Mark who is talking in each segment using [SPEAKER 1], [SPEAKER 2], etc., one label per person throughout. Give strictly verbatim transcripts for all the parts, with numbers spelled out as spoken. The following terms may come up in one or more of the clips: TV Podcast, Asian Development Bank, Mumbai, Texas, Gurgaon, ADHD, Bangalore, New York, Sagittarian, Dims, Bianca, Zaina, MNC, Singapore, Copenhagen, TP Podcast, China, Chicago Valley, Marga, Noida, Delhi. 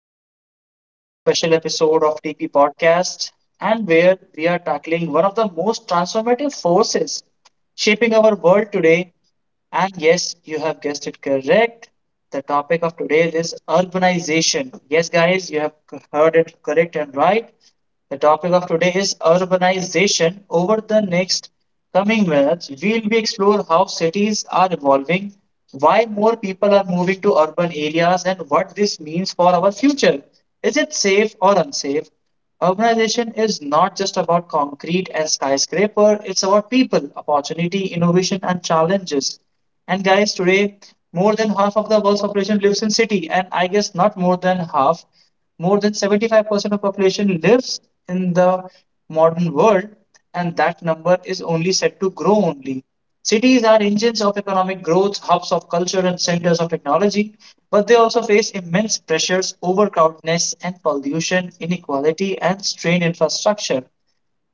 [SPEAKER 1] I'm welcoming you to a special episode of T P Podcast, and where we are tackling one of the most transformative forces shaping our world today. And yes, you have guessed it correct. The topic of today is urbanization. Yes, guys, you have heard it correct and right. The topic of today is urbanization. Over the next coming minutes, we'll be explore how cities are evolving, why more people are moving to urban areas, and what this means for our future. Is it safe or unsafe? Urbanization is not just about concrete and skyscraper, it's about people, opportunity, innovation, and challenges. And guys, today more than half of the world's population lives in city, and I guess not more than half, more than seventy-five percent of population lives in the modern world, and that number is only set to grow only. Cities are engines of economic growth, hubs of culture, and centers of technology, but they also face immense pressures, overcrowdedness, and pollution, inequality, and strained infrastructure.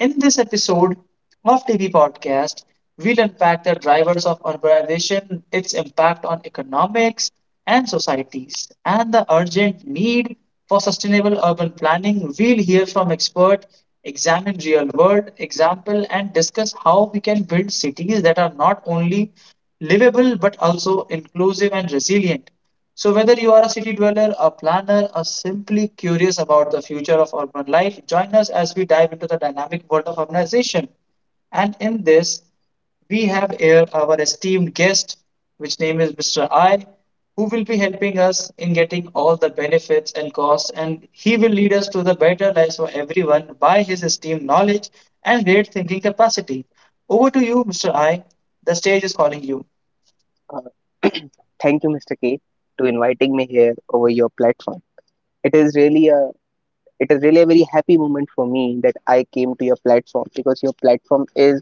[SPEAKER 1] In this episode of T V Podcast, we'll unpack the drivers of urbanization, its impact on economics and societies, and the urgent need for sustainable urban planning. We'll hear from experts, examine real world example, and discuss how we can build cities that are not only livable but also inclusive and resilient. So, whether you are a city dweller, a planner, or simply curious about the future of urban life, join us as we dive into the dynamic world of urbanization. And in this, we have here our esteemed guest, which name is Mister I, who will be helping us in getting all the benefits and costs, and he will lead us to the better lives for everyone by his esteemed knowledge and great thinking capacity. Over to you, Mister I. The stage is calling you.
[SPEAKER 2] Uh, Thank you, Mister K, to inviting me here over your platform. It is really a it is really a very happy moment for me that I came to your platform because your platform is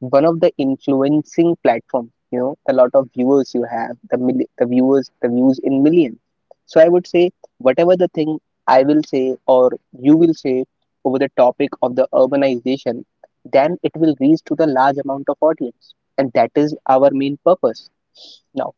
[SPEAKER 2] one of the influencing platform. You know, a lot of viewers you have, the mil- the viewers, the views in millions. So I would say whatever the thing I will say or you will say over the topic of the urbanization, then it will reach to the large amount of audience, and that is our main purpose. Now,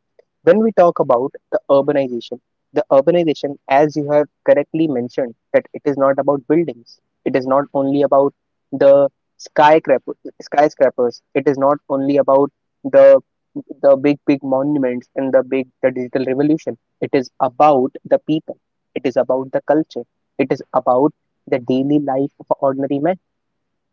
[SPEAKER 2] when we talk about the urbanization, the urbanization, as you have correctly mentioned, that it is not about buildings. It is not only about the skyscraper, skyscrapers. It is not only about the the big big monuments and the big the digital revolution. It is about the people. It is about the culture. It is about the daily life of an ordinary men.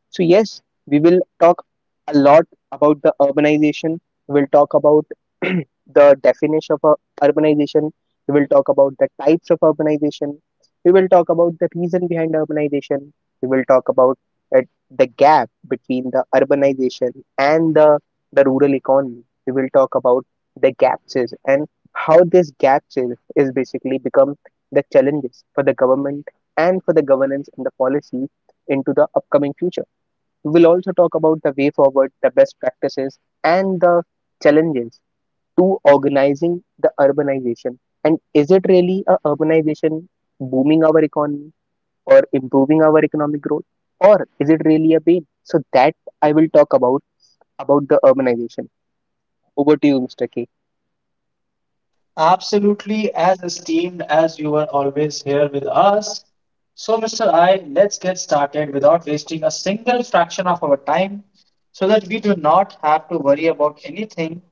[SPEAKER 2] So, yes, we will talk a lot about the urbanization. We'll talk about the definition of ur- urbanization. We will talk about the types of urbanization. We will talk about the reason behind urbanization. We will talk about it, the gap between the urbanization and the, the rural economy. We will talk about the gaps is and how this gaps is, is basically become the challenges for the government and for the governance and the policy into the upcoming future. We will also talk about the way forward, the best practices, and the challenges to organizing the urbanization. And is it really a urbanization booming our economy or improving our economic growth, or is it really a pain? So that I will talk about about the urbanization. Over to you, Mister K.
[SPEAKER 1] Absolutely as esteemed as you are, always here with us. So, Mister I, let's get started without wasting a single fraction of our time so that we do not have to worry about anything.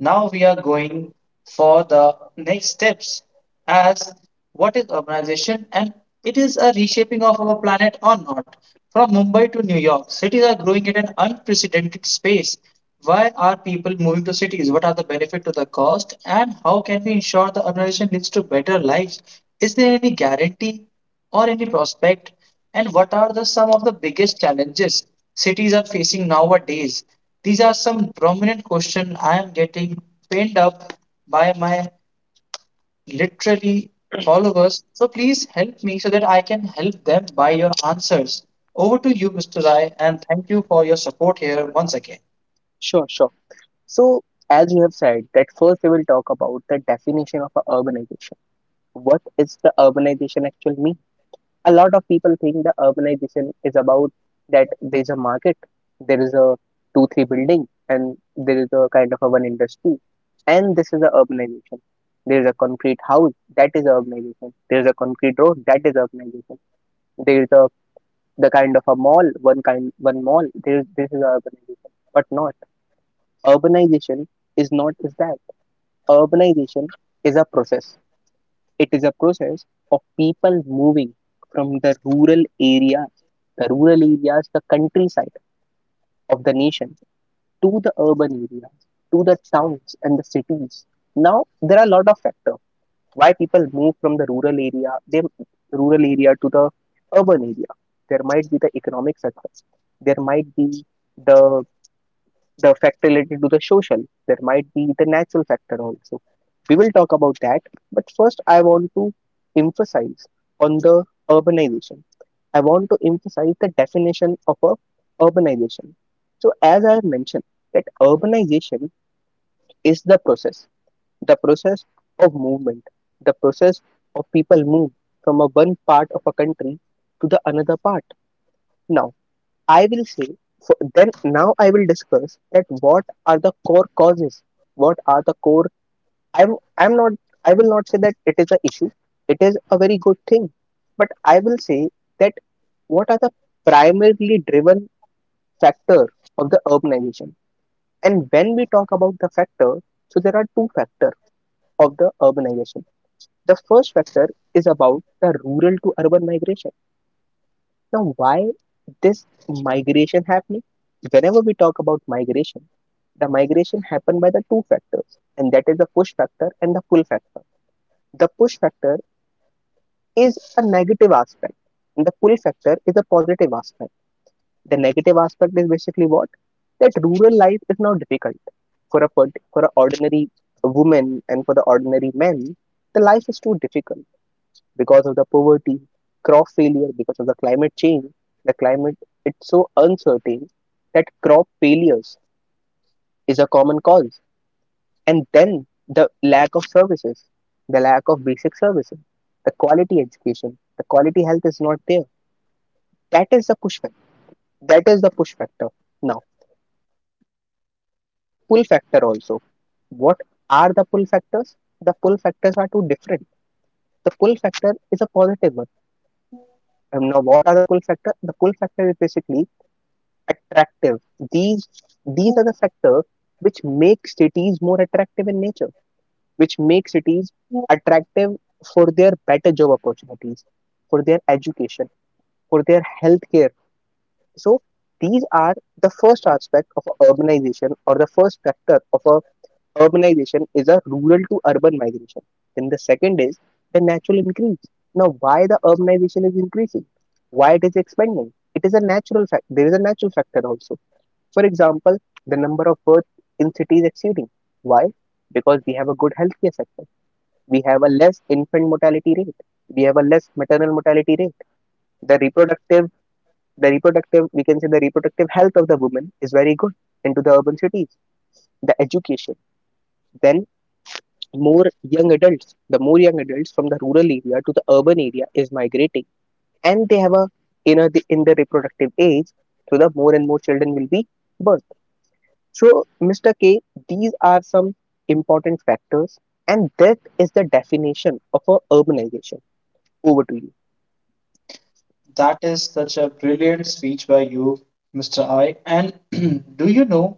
[SPEAKER 1] Now we are going for the next steps as what is urbanization and it is a reshaping of our planet or not. From Mumbai to New York, cities are growing at an unprecedented pace. Why are people moving to cities? What are the benefit to the cost? And how can we ensure the urbanization leads to better lives? Is there any guarantee or any prospect? And what are the some of the biggest challenges cities are facing nowadays? These are some prominent questions I am getting pinned up by my literally followers. So please help me so that I can help them by your answers. Over to you, Mister Rai, and thank you for your support here once again.
[SPEAKER 2] Sure, sure. So as you have said, that first we will talk about the definition of a urbanization. What is the urbanization actually mean? A lot of people think the urbanization is about that there's a market, there is a two three building, and there is a kind of a one industry, and this is the urbanization. There is a concrete house that is urbanization. There is a concrete road that is urbanization. There is a the kind of a mall, one kind, one mall. There is this is urbanization, but not urbanization is not is that urbanization is a process it is a process of people moving from the rural areas, the rural areas, the countryside of the nation to the urban areas, to the towns and the cities. Now there are a lot of factors why people move from the rural area, they rural area to the urban area. There might be the economic sector, there might be the the factor related to the social. There might be the natural factor also. We will talk about that, but first I want to emphasize on the urbanization. I want to emphasize the definition of a urbanization. So as I have mentioned that urbanization is the process, the process of movement, the process of people move from a one part of a country to the another part. Now I will say, so then now I will discuss that what are the core causes, what are the core. I'm I'm not. I will not say that it is a issue. It is a very good thing, but I will say that what are the primarily driven factor of the urbanization. And when we talk about the factor, so there are two factor of the urbanization. The first factor is about the rural to urban migration. Now, why this migration happening? Whenever we talk about migration, the migration happened by the two factors, and that is the push factor and the pull factor. The push factor is a negative aspect, and the pull factor is a positive aspect. The negative aspect is basically what? That rural life is now difficult for a for an ordinary woman and for the ordinary men. The life is too difficult because of the poverty, crop failure because of the climate change. The climate it's so uncertain that crop failures is a common cause. And then the lack of services, the lack of basic services, the quality education, the quality health is not there. That is the push factor. That is the push factor. Now there is the pull factor also. What are the pull factors? The pull factors are two different. The pull factor is a positive one. And now what are the pull factor? The pull factor is basically attractive. These these are the factors which make cities more attractive in nature, which make cities attractive for their better job opportunities, for their education, for their healthcare. So these are the first aspect of urbanization or the first factor of a urbanization is a rural to urban migration. Then the second is the natural increase. Now why the urbanization is increasing? Why it is expanding? It is a natural fact. There is a natural factor also, for example, the number of births in cities exceeding. Why? Because we have a good healthcare sector. We have a less infant mortality rate. We have a less maternal mortality rate. The reproductive, the reproductive, we can say the reproductive health of the woman is very good into the urban cities. The education, then more young adults, the more young adults from the rural area to the urban area is migrating, and they have a in a, in the reproductive age, so the more and more children will be born. So, Mister K, these are some important factors, and that is the definition of a urbanization. Over to you.
[SPEAKER 1] That is such a brilliant speech by you, Mister I. And do you know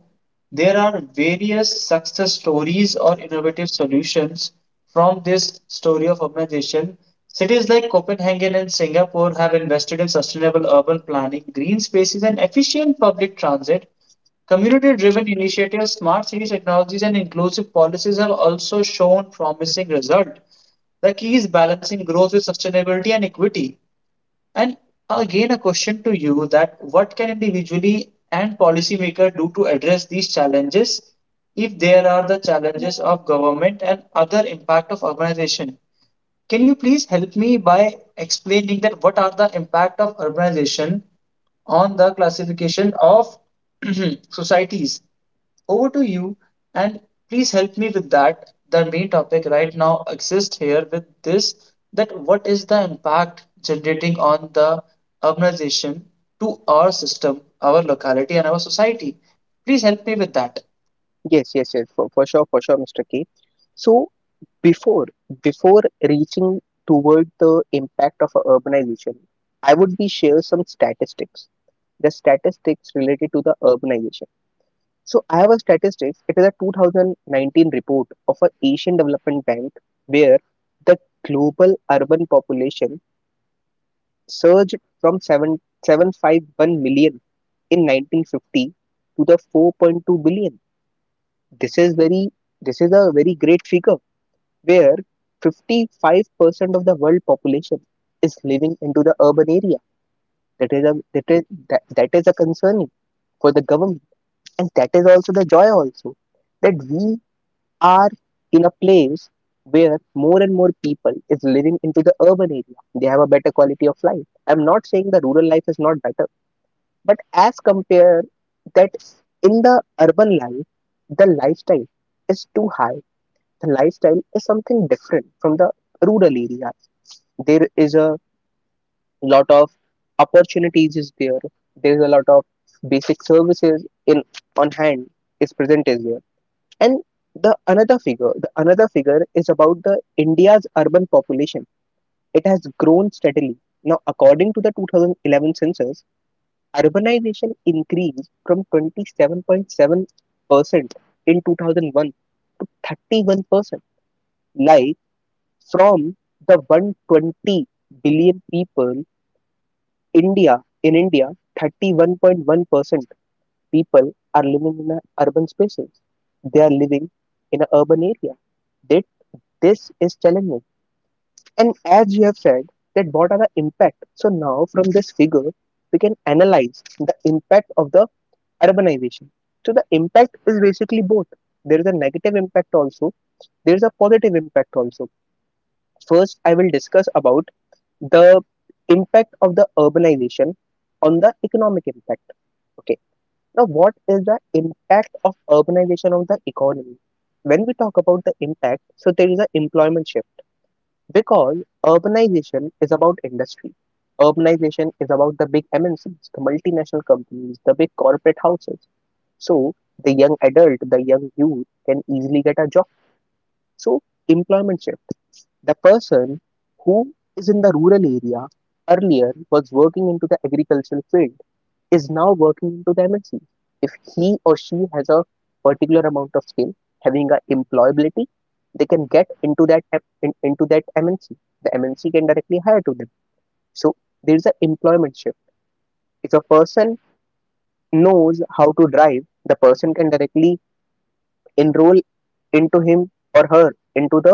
[SPEAKER 1] there are various success stories or innovative solutions from this story of urbanization? Cities like Copenhagen and Singapore have invested in sustainable urban planning, green spaces, and efficient public transit. Community driven initiatives, smart city technologies, and inclusive policies have also shown promising results. The key is balancing growth with sustainability and equity. And again, a question to you that what can individually and policymaker do to address these challenges if there are the challenges of government and other impact of urbanization? Can you please help me by explaining that what are the impact of urbanization on the classification of societies? Over to you, and please help me with that. The main topic right now exists here with this that what is the impact generating on the urbanization to our system, our locality, and our society? Please help me with that.
[SPEAKER 2] Yes, yes, yes, for, for sure, for sure, Mister K. So, before before reaching toward the impact of a urbanization, I would be share some statistics. The statistics related to the urbanization. So, I have a statistics. It is a two thousand nineteen report of a Asian Development Bank where the global urban population surged from seven seven five one million in nineteen fifty to the four point two billion. This is very this is a very great figure where fifty-five percent of the world population is living into the urban area. That is a that is that, that is a concern for the government, and that is also the joy also that we are in a place where more and more people is living into the urban area. They have a better quality of life. I'm not saying the rural life is not better. But as compare that in the urban life, the lifestyle is too high. The lifestyle is something different from the rural area. There is a lot of opportunities is there. There is a lot of basic services in on hand is present is there. And the another figure, the another figure is about the India's urban population. It has grown steadily. Now, according to the two thousand eleven census, urbanization increased from twenty-seven point seven percent in two thousand one thirty-one percent, like from the one hundred twenty billion people India in india thirty-one point one percent people are living in a urban spaces. They are living in an urban area. That this is challenging, and as you have said that what are the impact, so now from this figure we can analyze the impact of the urbanization. So the impact is basically both. There is a negative impact also. There is a positive impact also. First, I will discuss about the impact of the urbanization on the economic impact. Okay. Now, what is the impact of urbanization on the economy? When we talk about the impact, so there is an employment shift because urbanization is about industry. Urbanization is about the big M N Cs, the multinational companies, the big corporate houses. So the young adult, the young youth can easily get a job. So employment shift. The person who is in the rural area earlier was working into the agricultural field is now working into the M N C. If he or she has a particular amount of skill, having a employability, they can get into that in, into that M N C. The M N C can directly hire to them. So there is an employment shift. If a person knows how to drive, the person can directly enroll into him or her into the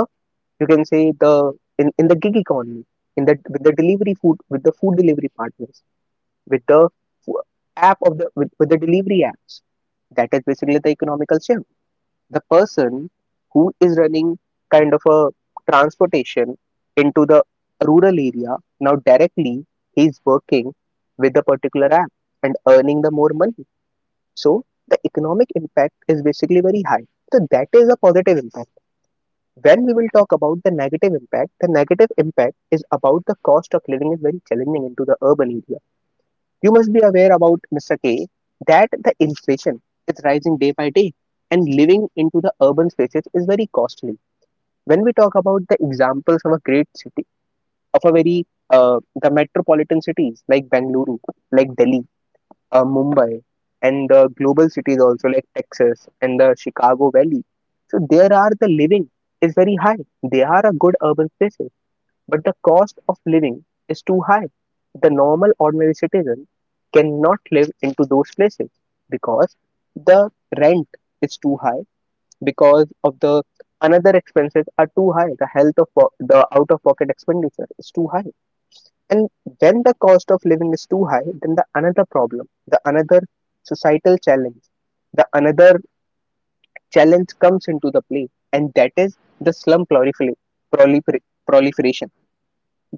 [SPEAKER 2] you can say the in, in the gig economy in the with the delivery food with the food delivery partners with the app of the with, with the delivery apps. That is basically the economical shift. The person who is running kind of a transportation into the rural area now directly he's working with the particular app and earning the more money. So the economic impact is basically very high. So that is a positive impact. When we will talk about the negative impact, the negative impact is about the cost of living is very challenging into the urban area. You must be aware about, Mister K, that the inflation is rising day by day and living into the urban spaces is very costly. When we talk about the examples of a great city, of a very, uh, the metropolitan cities like Bangalore, like Delhi, uh, Mumbai, and the global cities also like Texas and the Chicago Valley. So there are the living is very high. They are a good urban spaces. But the cost of living is too high. The normal ordinary citizen cannot live into those places because the rent is too high, because of the another expenses are too high, the health of po- the out of pocket expenditure is too high. And when the cost of living is too high, then the another problem, the another societal challenge, the another challenge comes into the play, and that is the slum prolifera- prolifer- proliferation,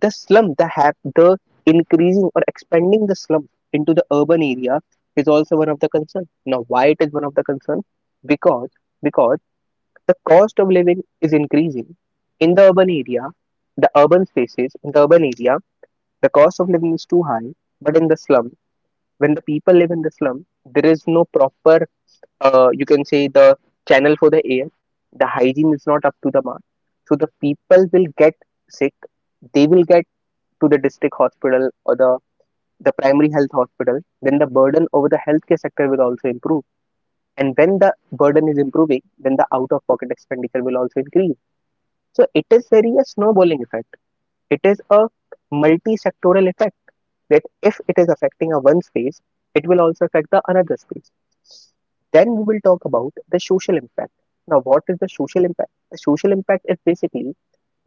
[SPEAKER 2] the slum, the hap, the increasing or expanding the slum into the urban area is also one of the concern. Now, why it is one of the concern? Because because the cost of living is increasing in the urban area, the urban spaces in the urban area, the cost of living is too high. But in the slum, when the people live in the slum, there is no proper, uh, you can say the channel for the air. The hygiene is not up to the mark. So the people will get sick. They will get to the district hospital or the, the primary health hospital, then the burden over the healthcare sector will also improve. And when the burden is improving, then the out of pocket expenditure will also increase. So it is very a snowballing effect. It is a multi sectoral effect that if it is affecting a one space, it will also affect the another space. Then we will talk about the social impact. Now, what is the social impact? The social impact is basically,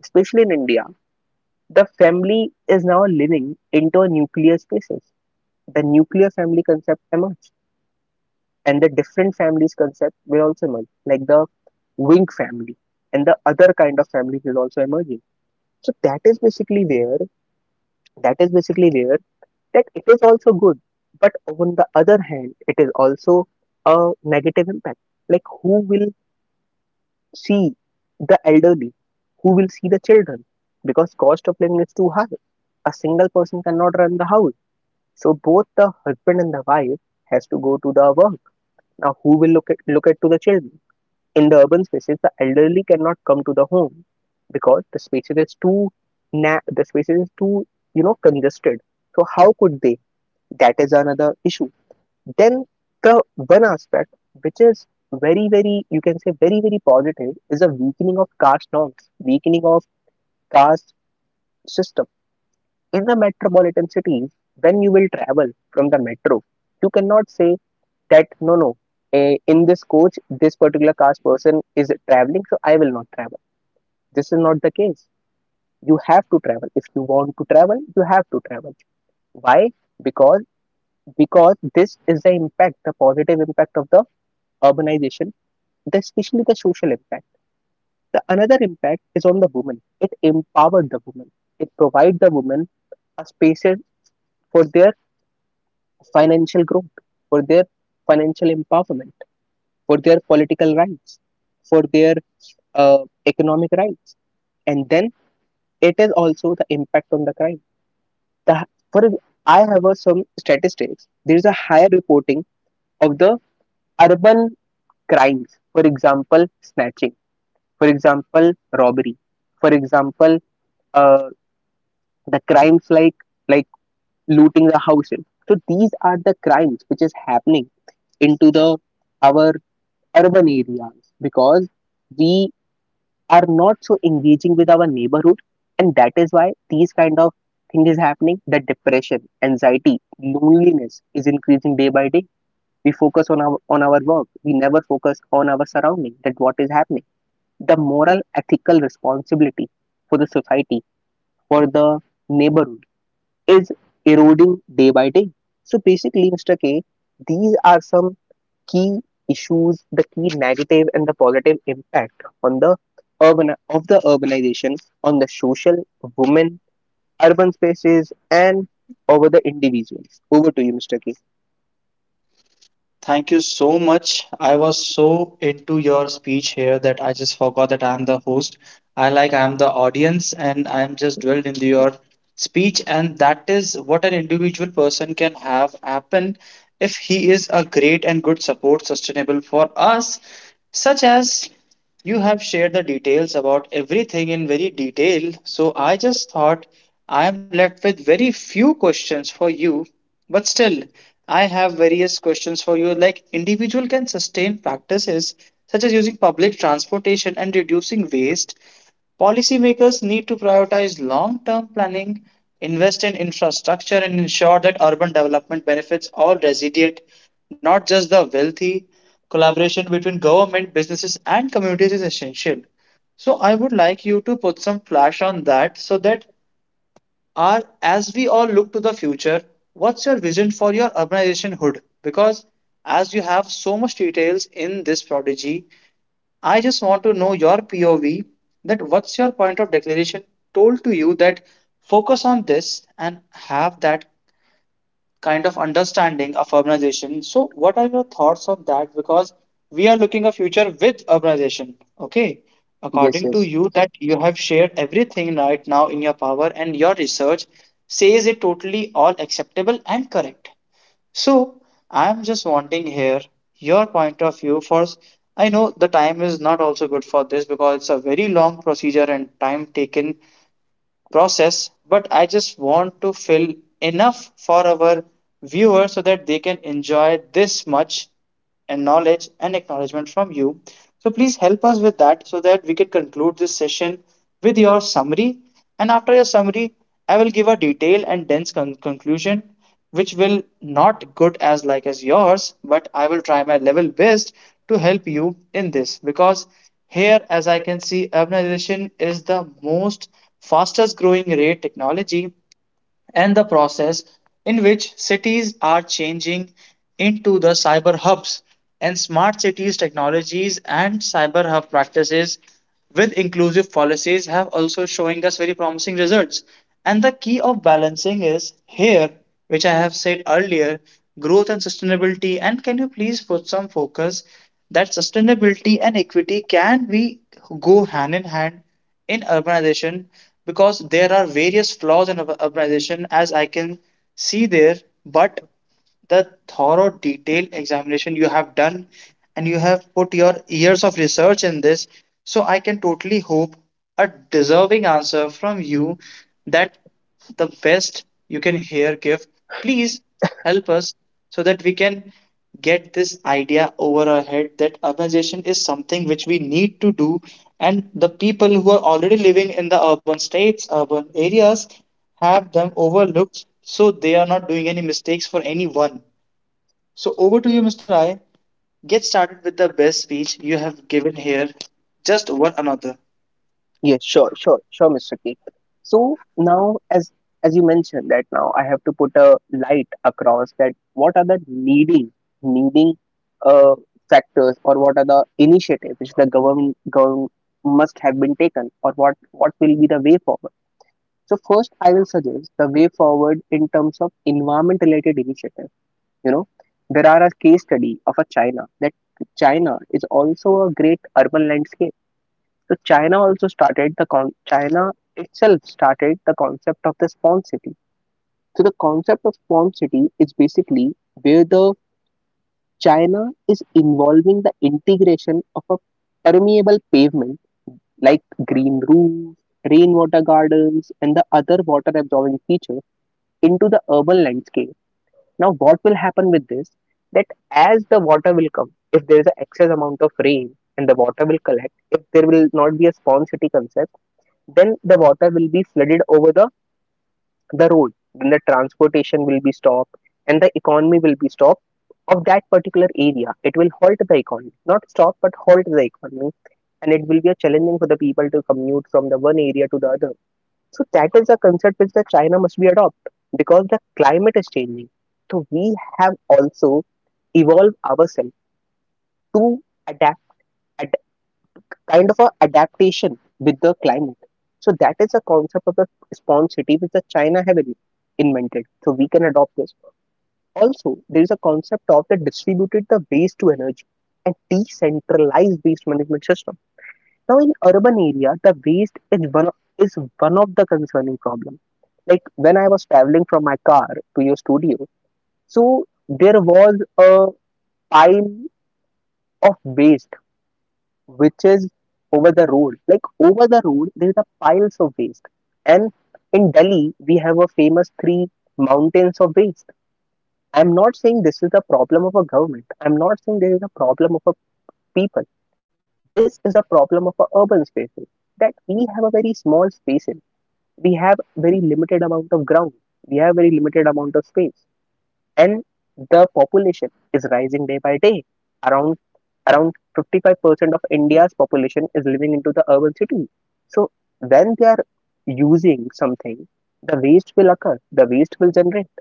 [SPEAKER 2] especially in India, the family is now living into a nuclear spaces, the nuclear family concept emerged and the different families concept will also emerge like the wing family and the other kind of families is also emerging. So that is basically where that is basically where that it is also good, but on the other hand it is also a negative impact. Like who will see the elderly, who will see the children, because cost of living is too high, a single person cannot run the house. So both the husband and the wife has to go to the work. Now, who will look at, look at to the children? In the urban spaces, the elderly cannot come to the home because the spaces is too na- the spaces is too, you know, congested. So how could they? That is another issue. Then the one aspect which is very very you can say very very positive is a weakening of caste norms, weakening of caste system in the metropolitan cities. When you will travel from the metro, you cannot say that no no eh, in this coach this particular caste person is traveling, so I will not travel. This is not the case. You have to travel. If you want to travel you have to travel. Why? Because because this is the impact, the positive impact of the urbanization, the, especially the social impact. The another impact is on the woman. It empowered the woman. It provides the woman a spaces for their financial growth, for their financial empowerment, for their political rights, for their uh, economic rights. And then it is also the impact on the crime. The for ex- I have uh, some statistics, there is a higher reporting of the urban crimes, for example snatching, for example robbery, for example, uh, the crimes like like looting the houses. So these are the crimes which is happening into the our urban areas because we are not so engaging with our neighborhood, and that is why these kind of thing is happening, that depression, anxiety, loneliness is increasing day by day. We focus on our on our work, we never focus on our surrounding, that what is happening. The moral ethical responsibility for the society, for the neighborhood is eroding day by day. So basically, Mr. K, these are some key issues, the key negative and the positive impact on the urban of the urbanization, on the social, women, urban spaces, and over the individuals. Over to you, Mister K.
[SPEAKER 1] Thank you so much. I was so into your speech here that I just forgot that I'm the host. I like I'm the audience and I'm just dwelled into your speech, and that is what an individual person can have happen if he is a great and good support sustainable for us, such as you have shared the details about everything in very detail. So I just thought I am left with very few questions for you, but still I have various questions for you, like individual can sustain practices such as using public transportation and reducing waste. Policymakers need to prioritize long term planning, invest in infrastructure, and ensure that urban development benefits all residents, not just the wealthy. Collaboration between government, businesses, and communities is essential. So, I would like you to put some flash on that so that our, as we all look to the future, what's your vision for your urbanization hood? Because as you have so much details in this prodigy, I just want to know your P O V, that what's your point of declaration told to you that focus on this and have that kind of understanding of urbanization. So what are your thoughts on that? Because we are looking a future with urbanization. Okay.
[SPEAKER 2] Yes,
[SPEAKER 1] According to
[SPEAKER 2] yes,
[SPEAKER 1] you that you have shared everything right now in your power and your research says it totally all acceptable and correct. So I'm just wanting here your point of view for, I know the time is not also good for this because it's a very long procedure and time taken process, but I just want to fill enough for our viewers so that they can enjoy this much and knowledge and acknowledgement from you. So please help us with that so that we can conclude this session with your summary. And after your summary, I will give a detailed and dense con- conclusion which will not good as like as yours, but I will try my level best to help you in this, because here as I can see urbanization is the most fastest growing rate technology and the process in which cities are changing into the cyber hubs and smart cities technologies and cyber hub practices with inclusive policies have also showing us very promising results, and the key of balancing is here which I have said earlier, growth and sustainability. And can you please put some focus that sustainability and equity can we go hand in hand in urbanization, because there are various flaws in ur- urbanization as I can see there, but the thorough detailed examination you have done and you have put your years of research in this. So I can totally hope a deserving answer from you, that the best you can here give, please help us so that we can get this idea over our head that urbanization is something which we need to do, and the people who are already living in the urban states urban areas have them overlooked so they are not doing any mistakes for anyone. So over to you, Mr. Rai, get started with the best speech you have given here, just one another.
[SPEAKER 2] yes. Sure, sure, sure, Mister K. So now, as as you mentioned that now I have to put a light across that what are the needing needing uh, factors, or what are the initiatives which the government government must have been taken, or what what will be the way forward? So first, I will suggest the way forward in terms of environment-related initiative. You know, there are a case study of a China, that China is also a great urban landscape. So China also started the con- China itself started the concept of the spawn city. So the concept of spawn city is basically where the China is involving the integration of a permeable pavement like green roofs, rainwater gardens, and the other water absorbing features into the urban landscape. Now, what will happen with this? That as the water will come, if there is an excess amount of rain and the water will collect, if there will not be a spawn city concept, then the water will be flooded over the, the road. Then the transportation will be stopped and the economy will be stopped of that particular area. It will halt the economy, not stop, but halt the economy. And it will be a challenging for the people to commute from the one area to the other. So that is a concept which the China must be adopt, because the climate is changing. So we have also evolved ourselves to adapt, ad, kind of a adaptation with the climate. So that is a concept of the spawn city which the China have in- invented. So we can adopt this. Also, there is a concept of the distributed the waste to energy and decentralized waste management system. Now, in urban area, the waste is one of, is one of the concerning problem. Like when I was traveling from my car to your studio, so there was a pile of waste which is over the road. Like over the road, there is a piles of waste. And in Delhi, we have a famous three mountains of waste. I'm not saying this is a problem of a government. I'm not saying there is a problem of a people. This is a problem of a urban spaces, that we have a very small space, we have very limited amount of ground, we have very limited amount of space, and the population is rising day by day. Around around fifty-five percent of India's population is living into the urban city. So when they are using something, the waste will occur, the waste will generate.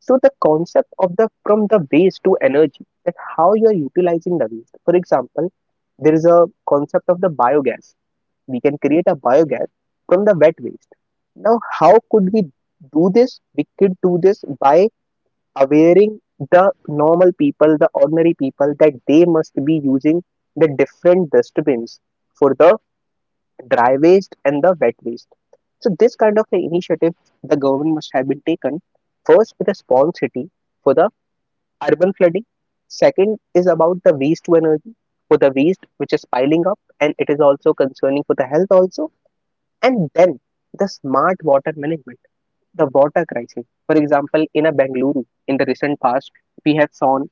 [SPEAKER 2] So the concept of the from the waste to energy, that how you are utilizing the waste. For example, there is a concept of the biogas. We can create a biogas from the wet waste. Now, how could we do this? We could do this by awareing the normal people, the ordinary people, that they must be using the different dustbins for the dry waste and the wet waste. So this kind of initiative the government must have been taken, first with a small city for the urban flooding. Second is about the waste to energy for the waste which is piling up, and it is also concerning for the health also. And then the smart water management, the water crisis. For example, in a Bengaluru in the recent past, we have seen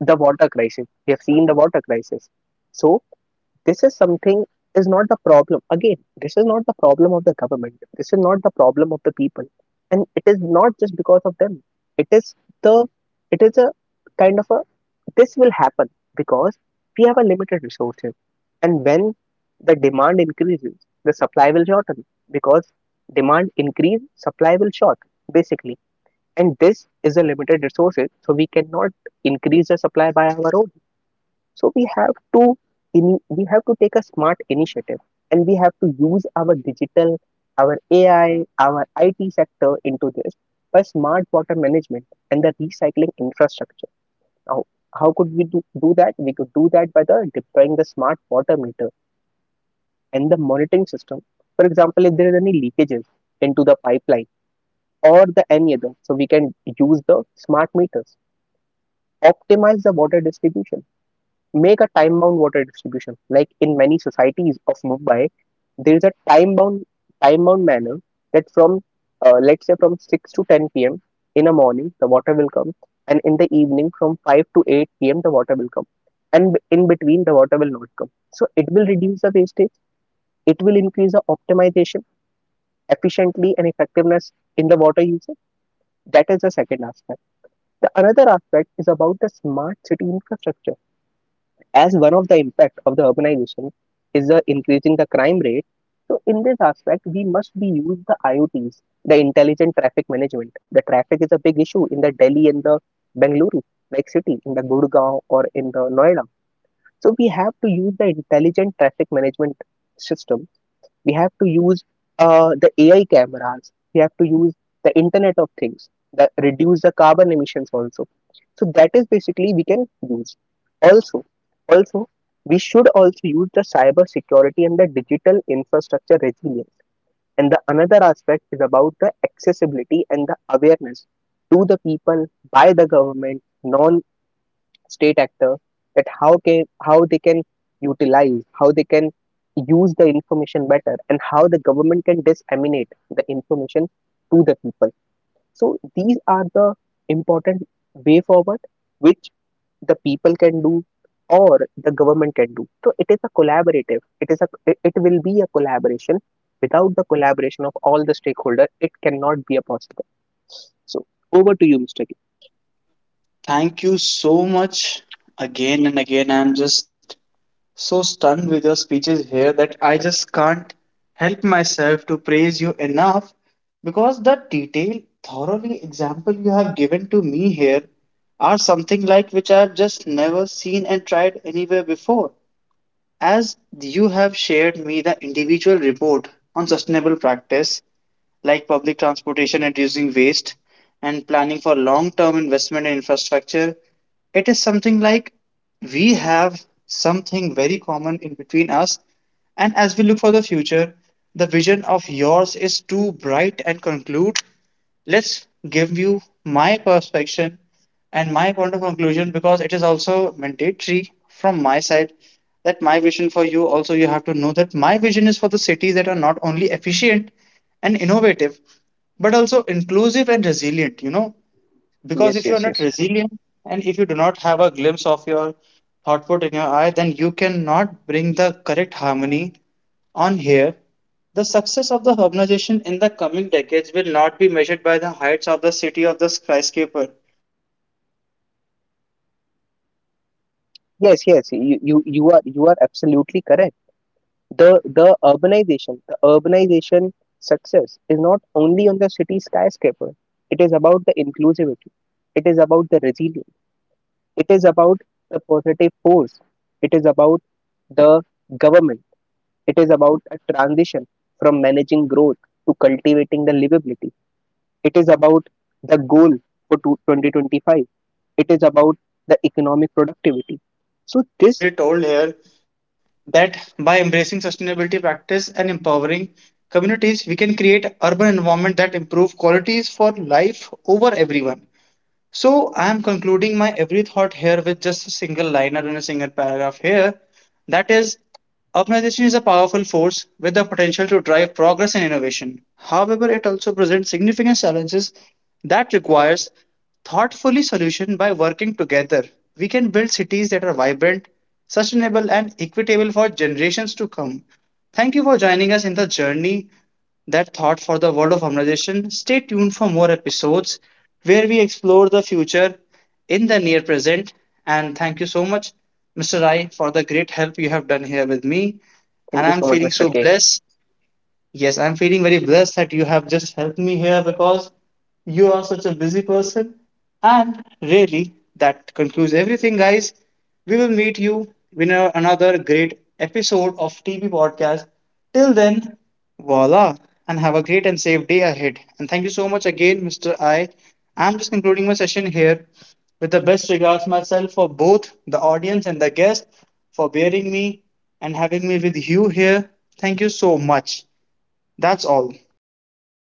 [SPEAKER 2] the water crisis. We have seen the water crisis. So this is something is not the problem. Again, this is not the problem of the government, this is not the problem of the people, and it is not just because of them. It is the, it is a kind of a, this will happen because we have a limited resources, and when the demand increases the supply will shorten, because demand increase supply will short basically. And this is a limited resources, so we cannot increase the supply by our own. So we have to ini we have to take a smart initiative, and we have to use our digital, our A I, our I T sector into this by smart water management and the recycling infrastructure. Now, how could we do, do that? We could do that by the deploying the smart water meter and the monitoring system. For example, if there is any leakages into the pipeline or the any other, so we can use the smart meters, optimize the water distribution. Make a time-bound water distribution. Like in many societies of Mumbai, there is a time-bound time-bound manner, that from uh, let's say from six to ten p m in the morning the water will come, and in the evening from five to eight p m the water will come, and b- in between the water will not come. So it will reduce the wastage. It will increase the optimization, efficiently, and effectiveness in the water usage. That is the second aspect. The another aspect is about the smart city infrastructure. As one of the impact of the urbanization is the increasing the crime rate, so in this aspect we must be use the I O Ts, the intelligent traffic management. The traffic is a big issue in the Delhi and the Bengaluru like city, in the Gurgaon or in the Noida. So we have to use the intelligent traffic management system, we have to use uh, the A I cameras, we have to use the internet of things, that reduce the carbon emissions also. So that is basically we can use. Also, also we should also use the cyber security and the digital infrastructure resilience. And the another aspect is about the accessibility and the awareness to the people by the government, non-state actor, that how can how they can utilize, how they can use the information better, and how the government can disseminate the information to the people. So these are the important way forward which the people can do or the government can do. So it is a collaborative, it is a, it it will be a collaboration. Without the collaboration of all the stakeholder it cannot be a possible. So over to you, Mr. K.
[SPEAKER 1] Thank you so much again and again. I'm just so stunned with your speeches here that I just can't help myself to praise you enough, because the detailed, thoroughly example you have given to me here are something like which I've just never seen and tried anywhere before. As you have shared me the individual report on sustainable practice like public transportation and reducing waste and planning for long-term investment in infrastructure, it is something like we have something very common in between us. And as we look for the future, the vision of yours is too bright and conclude. Let's give you my perspective and my point of conclusion, because it is also mandatory from my side, that my vision for you also, you have to know that my vision is for the cities that are not only efficient and innovative, but also inclusive and resilient, you know. Because
[SPEAKER 2] yes
[SPEAKER 1] if you are
[SPEAKER 2] yes
[SPEAKER 1] not
[SPEAKER 2] yes
[SPEAKER 1] resilient and if you do not have a glimpse of your thought in your eye, then you cannot bring the correct harmony on here. The success of the urbanization in the coming decades will not be measured by the heights of the city of the skyscraper, you know, but by its inclusivity and
[SPEAKER 2] yes
[SPEAKER 1] resilience.
[SPEAKER 2] yes You,
[SPEAKER 1] For
[SPEAKER 2] you you are
[SPEAKER 1] urbanization
[SPEAKER 2] you
[SPEAKER 1] to
[SPEAKER 2] are
[SPEAKER 1] be a
[SPEAKER 2] absolutely
[SPEAKER 1] positive
[SPEAKER 2] correct.
[SPEAKER 1] force,
[SPEAKER 2] The the
[SPEAKER 1] government must
[SPEAKER 2] urbanization,
[SPEAKER 1] transition
[SPEAKER 2] the
[SPEAKER 1] from
[SPEAKER 2] urbanization
[SPEAKER 1] the
[SPEAKER 2] success
[SPEAKER 1] managing
[SPEAKER 2] is not
[SPEAKER 1] growth to
[SPEAKER 2] only on the
[SPEAKER 1] cultivating
[SPEAKER 2] city
[SPEAKER 1] livability.
[SPEAKER 2] skyscraper.
[SPEAKER 1] The
[SPEAKER 2] It is
[SPEAKER 1] goal
[SPEAKER 2] about the
[SPEAKER 1] for
[SPEAKER 2] inclusivity,
[SPEAKER 1] two thousand twenty-five
[SPEAKER 2] it is about the
[SPEAKER 1] is beyond
[SPEAKER 2] resilience,
[SPEAKER 1] to build the
[SPEAKER 2] it
[SPEAKER 1] cities
[SPEAKER 2] is about
[SPEAKER 1] that are
[SPEAKER 2] the
[SPEAKER 1] not
[SPEAKER 2] positive force,
[SPEAKER 1] economically
[SPEAKER 2] it
[SPEAKER 1] productive
[SPEAKER 2] is
[SPEAKER 1] but
[SPEAKER 2] about
[SPEAKER 1] also are
[SPEAKER 2] the
[SPEAKER 1] safe,
[SPEAKER 2] government.
[SPEAKER 1] climate
[SPEAKER 2] It
[SPEAKER 1] resilient,
[SPEAKER 2] is
[SPEAKER 1] and
[SPEAKER 2] about a
[SPEAKER 1] socially
[SPEAKER 2] transition
[SPEAKER 1] equitable
[SPEAKER 2] from
[SPEAKER 1] for the
[SPEAKER 2] managing growth
[SPEAKER 1] resilience.
[SPEAKER 2] to
[SPEAKER 1] And
[SPEAKER 2] cultivating the
[SPEAKER 1] regardless of
[SPEAKER 2] livability.
[SPEAKER 1] their
[SPEAKER 2] It
[SPEAKER 1] socio-economic
[SPEAKER 2] is about
[SPEAKER 1] background,
[SPEAKER 2] the
[SPEAKER 1] we
[SPEAKER 2] goal
[SPEAKER 1] have to
[SPEAKER 2] for
[SPEAKER 1] check
[SPEAKER 2] two-
[SPEAKER 1] for every
[SPEAKER 2] twenty twenty-five. It is
[SPEAKER 1] single
[SPEAKER 2] about
[SPEAKER 1] perspective
[SPEAKER 2] the
[SPEAKER 1] here.
[SPEAKER 2] economic productivity.
[SPEAKER 1] As
[SPEAKER 2] So,
[SPEAKER 1] we have
[SPEAKER 2] this,
[SPEAKER 1] already told here, that by embracing sustainability practice and empowering communities, we can create urban environment that improve qualities for life over everyone. So I'm concluding my every thought here with just a single liner and a single paragraph here. That is, urbanization is a powerful force with the potential to drive progress and innovation. However, it also presents significant challenges that requires thoughtfully solution. By working together, we can build cities that are vibrant, sustainable, and equitable for generations to come. Thank you for joining us in the journey that thought for the world of harmonization. Stay tuned for more episodes where we explore the future in the near present. And thank you so much, Mister Rai, for the great help you have done here with me.
[SPEAKER 2] thank
[SPEAKER 1] And
[SPEAKER 2] you
[SPEAKER 1] I'm
[SPEAKER 2] so much,
[SPEAKER 1] feeling
[SPEAKER 2] Mister
[SPEAKER 1] so
[SPEAKER 2] K.
[SPEAKER 1] blessed. Yes, I'm feeling very blessed that you have just helped me here, because you are such a busy person. And really, that concludes everything, guys. We will meet you in a- another great episode of T V Podcast. Till then, voila, and have a great and safe day ahead. And thank you so much again, Mister I. I'm just concluding my session here with the best regards myself for both the audience and the guest for bearing me and having me with you here. Thank you so much. That's all.